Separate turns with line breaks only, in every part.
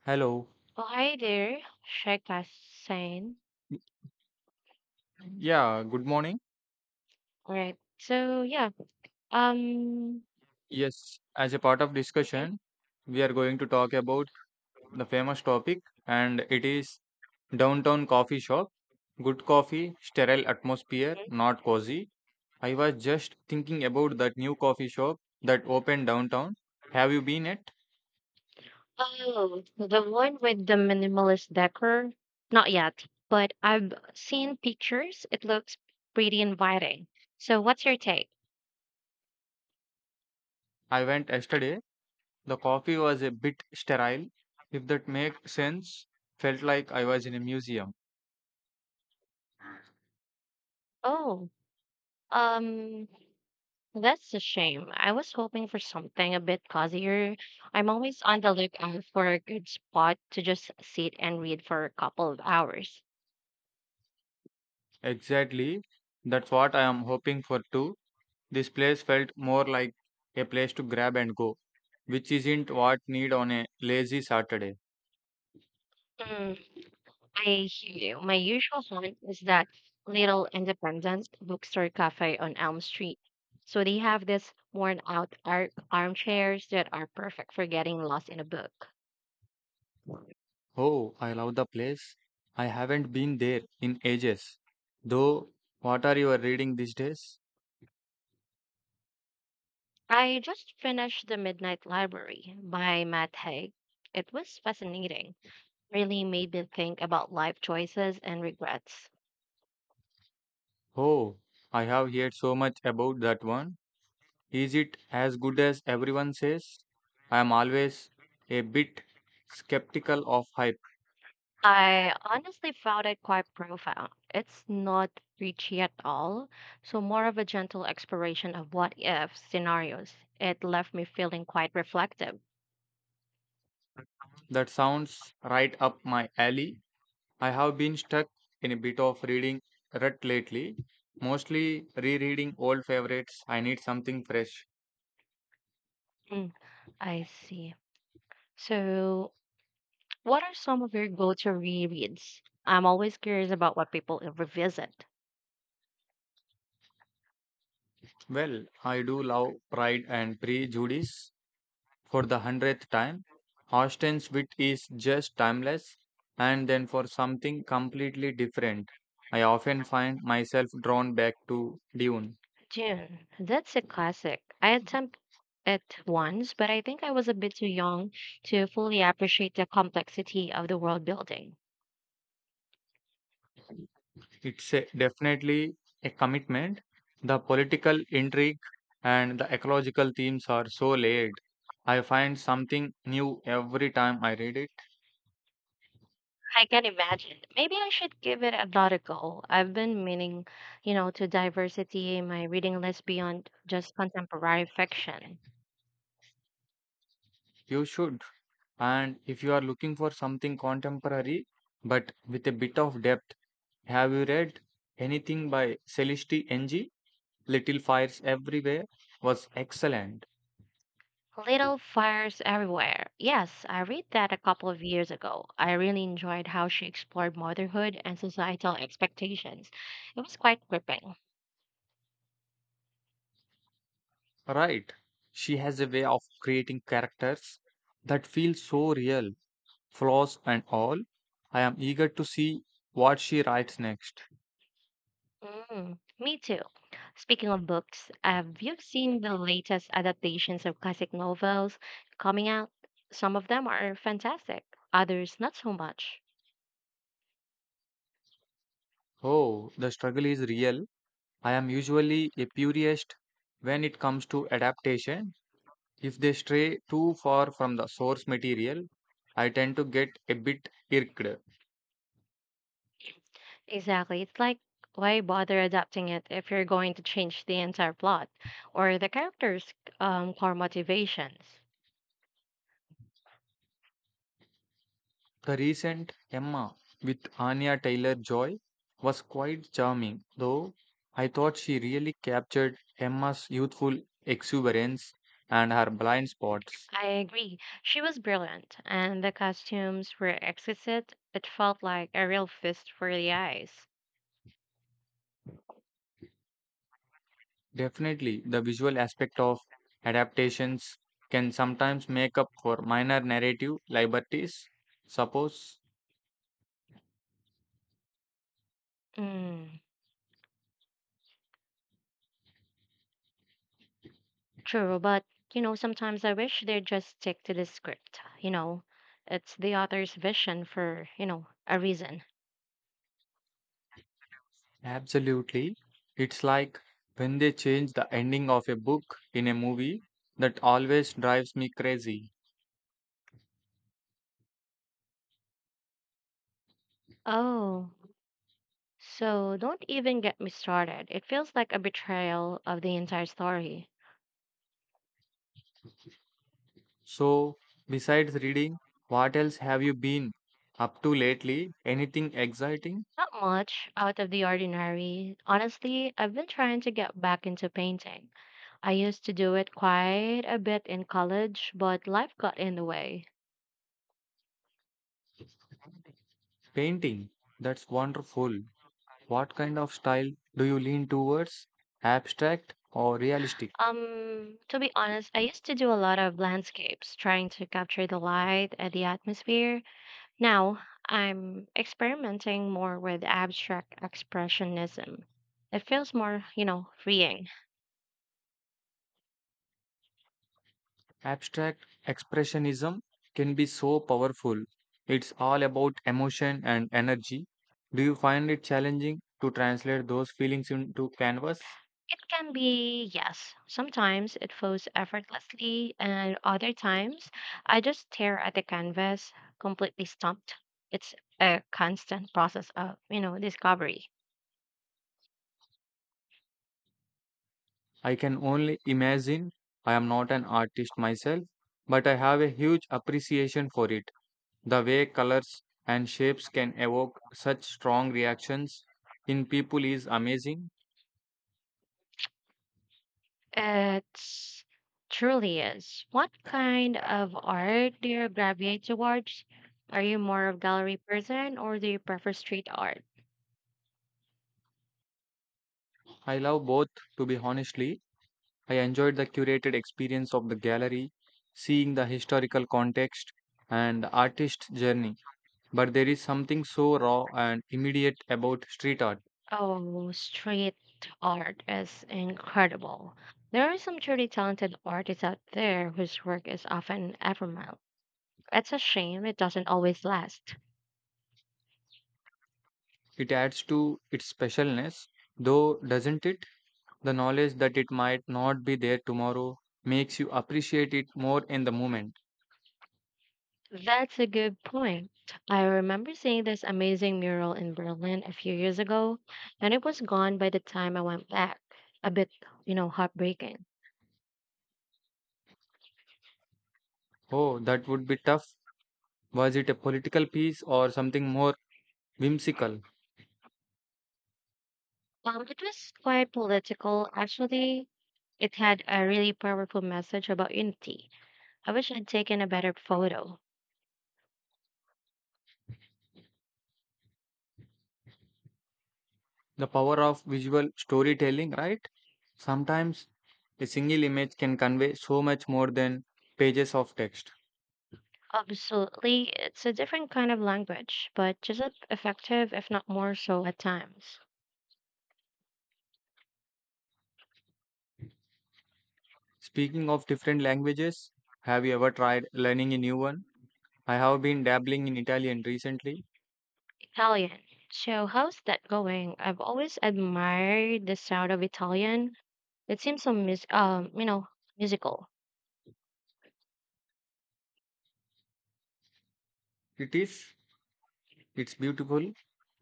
Hello.
Oh, hi there, Shekasen.
Y- Yeah, good morning.
All right. So yeah. Um.
Yes, as a part of
Mhm,
discussion, we are going to talk about the famous topic, and it is downtown coffee shop. Good coffee, sterile atmosphere,
mhm.
not cozy. I was just thinking about that new coffee shop that opened downtown. Have you been it?
Oh, the one with the minimalist decor. Not yet, but I've seen pictures. It looks pretty inviting. So what's your take?
I went yesterday. The coffee was a bit sterile, if that makes sense. Felt like I was in a museum.
Oh, um, that's a shame. I was hoping for something a bit cozier. I'm always on the lookout for a good spot to just sit and read for a couple of hours.
Exactly. That's what I am hoping for too. This place felt more like a place to grab and go, which isn't what need on a lazy Saturday.
Hmm. I hear you. My usual haunt is that little independent bookstore cafe on Elm Street. So they have this worn out armchairs that are perfect for getting lost in a book.
Oh, I love the place. I haven't been there in ages. Though, what are you reading these days?
I just finished The Midnight Library by Matt Haig. It was fascinating. Really made me think about life choices and regrets.
Oh, I have heard so much about that one. Is it as good as everyone says? I am always a bit skeptical of hype.
I honestly found it quite profound. It's not preachy at all, so more of a gentle exploration of what if scenarios. It left me feeling quite reflective.
That sounds right up my alley. I have been stuck in a bit of reading rut lately, mostly rereading old favorites. I need something fresh.
Mm, I see. So, what are some of your go to rereads? I'm always curious about what people revisit.
Well, I do love Pride and Prejudice for the hundredth time. Austen's wit is just timeless, and then for something completely different, I often find myself drawn back to Dune.
June, that's a classic. I attempted it once, but I think I was a bit too young to fully appreciate the complexity of the world building.
Definitely a commitment. The political intrigue and the ecological themes are so layered. I find something new every time I read it.
I can imagine. Maybe I should give it another go. I've been meaning to diversity in my reading list beyond just contemporary fiction.
You should. And if you are looking for something contemporary but with a bit of depth, have you read anything by Celeste Ng? Little Fires Everywhere was excellent.
Little Fires Everywhere. Yes, I read that a couple of years ago. I really enjoyed how she explored motherhood and societal expectations. It was quite gripping.
Right. She has a way of creating characters that feel so real, flaws and all. I am eager to see what she writes next.
Me too. Speaking of books, have you seen the latest adaptations of classic novels coming out? Some of them are fantastic, others not so much.
Oh, the struggle is real. I am usually a purist when it comes to adaptation. If they stray too far from the source material, I tend to get a bit irked.
Exactly. It's like, why bother adapting it if you're going to change the entire plot or the characters' core motivations?
The recent Emma with Anya Taylor Joy was quite charming, though I thought she really captured Emma's youthful exuberance and her blind spots.
I agree. She was brilliant, and the costumes were exquisite. It felt like a real feast for the eyes.
Definitely, the visual aspect of adaptations can sometimes make up for minor narrative liberties. Suppose,
Mm. True, but sometimes I wish they'd just stick to the script. It's the author's vision for a reason.
absolutely, it's like when they change the ending of a book in a movie that always drives me crazy.
Oh, so don't even get me started. It feels like a betrayal of the entire story.
So, besides reading, what else have you been up to lately? Anything exciting?
Not much out of the ordinary. Honestly, I've been trying to get back into painting. I used to do it quite a bit in college, but life got in the way.
Painting. That's wonderful. What kind of style do you lean towards? Abstract or realistic?
To be honest, I used to do a lot of landscapes, trying to capture the light and the atmosphere. Now I'm experimenting more with abstract expressionism. It feels more, freeing.
Abstract expressionism can be so powerful. It's all about emotion and energy. Do you find it challenging to translate those feelings into canvas?
It can be, yes, sometimes it flows effortlessly, and other times I just stare at the canvas, completely stumped. It's a constant process of discovery.
I can only imagine. I am not an artist myself, but I have a huge appreciation for it. The way colors and shapes can evoke such strong reactions in people is amazing.
It's truly is. What kind of art do you gravitate towards? Are you more of gallery person or do you prefer street art?
I love both, to be honestly. I enjoyed the curated experience of the gallery, seeing the historical context and the artist's journey. But there is something so raw and immediate about street art.
Oh, street art is incredible. There are some truly talented artists out there whose work is often ephemeral. It's a shame it doesn't always last.
It adds to its specialness, though, doesn't it? The knowledge that it might not be there tomorrow makes you appreciate it more in the moment.
That's a good point. I remember seeing this amazing mural in Berlin a few years ago, and it was gone by the time I went back. A bit heartbreaking.
Oh, that would be tough. Was it a political piece or something more whimsical?
It was quite political, actually. It had a really powerful message about unity. I wish I'd taken a better photo.
The power of visual storytelling, right? Sometimes a single image can convey so much more than pages of text.
Absolutely, it's a different kind of language, but just as effective, if not more so at times.
Speaking of different languages, have you ever tried learning a new one? I have been dabbling in Italian recently.
Italian. So, how's that going? I've always admired the sound of Italian. It seems so musical.
It is, it's beautiful,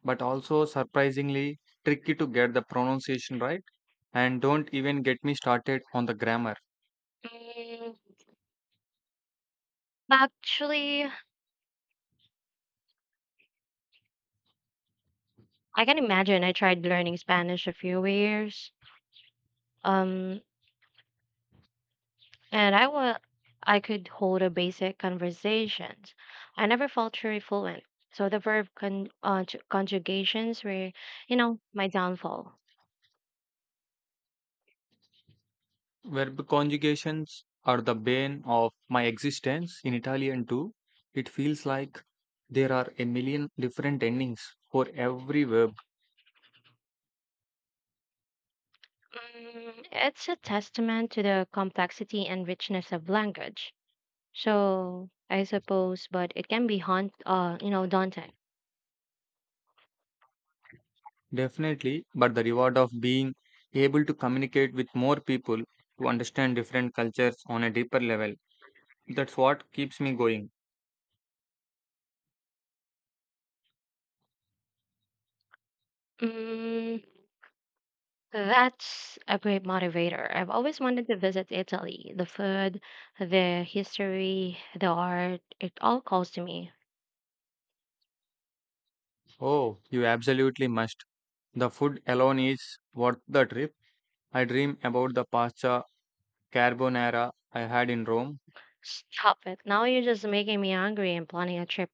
but also surprisingly tricky to get the pronunciation right. And don't even get me started on the grammar.
Mm, actually, I can imagine. I tried learning Spanish a few years, um, and I could hold a basic conversations. I never felt truly fluent, so the verb conjugations were my downfall.
Verb conjugations are the bane of my existence in Italian too. It feels like there are a million different endings for every verb.
It's a testament to the complexity and richness of language. So I suppose, but it can be daunting.
Definitely, but the reward of being able to communicate with more people, to understand different cultures on a deeper level. That's what keeps me going.
Mm, That's a great motivator. I've always wanted to visit Italy. The food, the history, the art, it all calls to me.
Oh, you absolutely must. The food alone is worth the trip. I dream about the pasta carbonara I had in Rome.
Stop it. Now you're just making me hungry and planning a trip,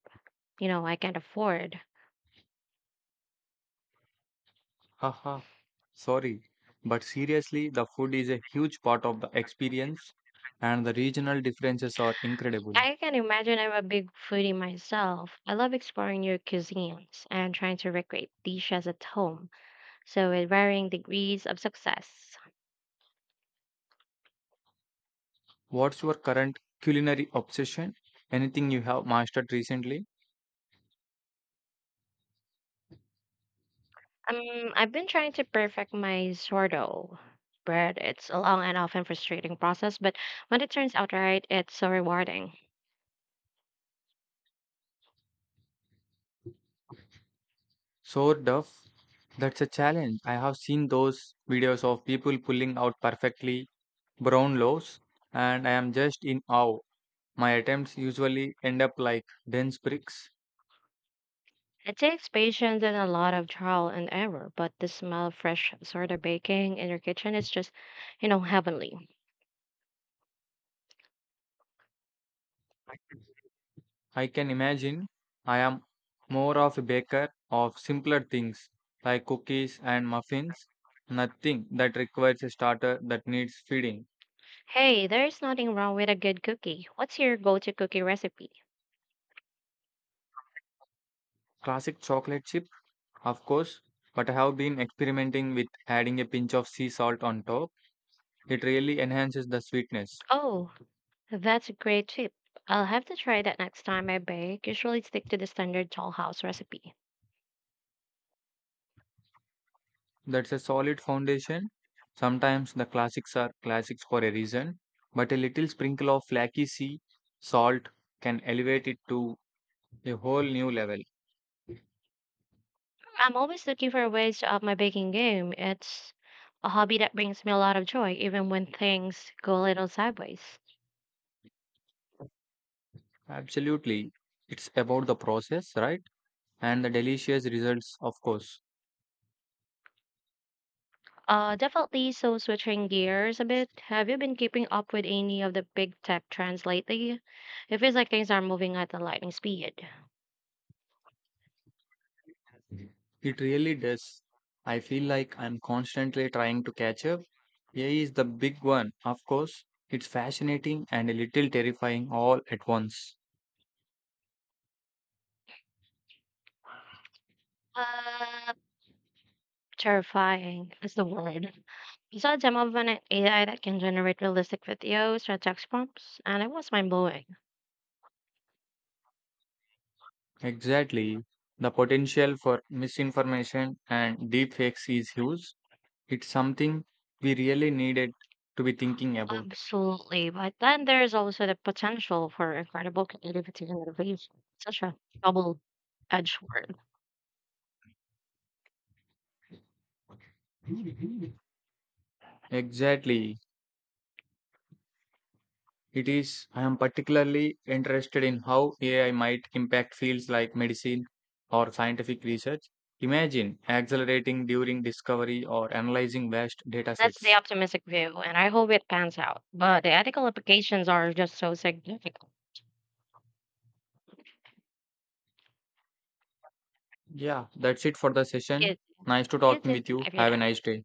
you know, I can't afford.
Haha, sorry. But seriously, the food is a huge part of the experience, and the regional differences are incredible.
I can imagine I'm a big foodie myself. I love exploring new cuisines and trying to recreate dishes at home. So with varying degrees of success.
What's your current culinary obsession? Anything you have mastered recently?
I've been trying to perfect my sourdough bread. It's a long and often frustrating process, but when it turns out right, it's so rewarding.
Sort of. That's a challenge. I have seen those videos of people pulling out perfectly brown loaves, and I am just in awe. My attempts usually end up like dense bricks.
It takes patience and a lot of trial and error, but the smell of fresh sourdough baking in your kitchen is just heavenly.
I can imagine. I am more of a baker of simpler things like cookies and muffins, nothing that requires a starter that needs feeding.
Hey, there's nothing wrong with a good cookie. What's your go-to cookie recipe?
Classic chocolate chip, of course, but I have been experimenting with adding a pinch of sea salt on top. It really enhances the sweetness.
Oh, that's a great tip. I'll have to try that next time I bake. Usually stick to the standard dollhouse recipe.
That's a solid foundation. Sometimes the classics are classics for a reason, but a little sprinkle of flaky sea salt can elevate it to a whole new level.
I'm always looking for ways to up my baking game. It's a hobby that brings me a lot of joy, even when things go a little sideways.
Absolutely. It's about the process, right? And the delicious results, of course.
Definitely. So, switching gears a bit, have you been keeping up with any of the big tech trends lately? It feels like things are moving at a lightning speed.
It really does. I feel like I'm constantly trying to catch up. AI is the big one, of course. It's fascinating and a little terrifying all at once.
Uh, terrifying is the word. I saw a demo of an AI that can generate realistic videos from text prompts, and it was mind blowing.
Exactly. The potential for misinformation and deepfakes is huge. It's something we really needed to be thinking about.
Absolutely, but then there's also the potential for incredible creativity and innovation. Such a double-edged sword.
Exactly. It is. I am particularly interested in how AI might impact fields like medicine or scientific research. Imagine accelerating during discovery or analyzing vast data
That's the
sets.
optimistic view, and I hope it pans out. But the ethical implications are just so significant.
Yeah, that's it for the session.
You,
Nice to
you
talking
too.
with
I
you.
figured
Have a
out.
nice day.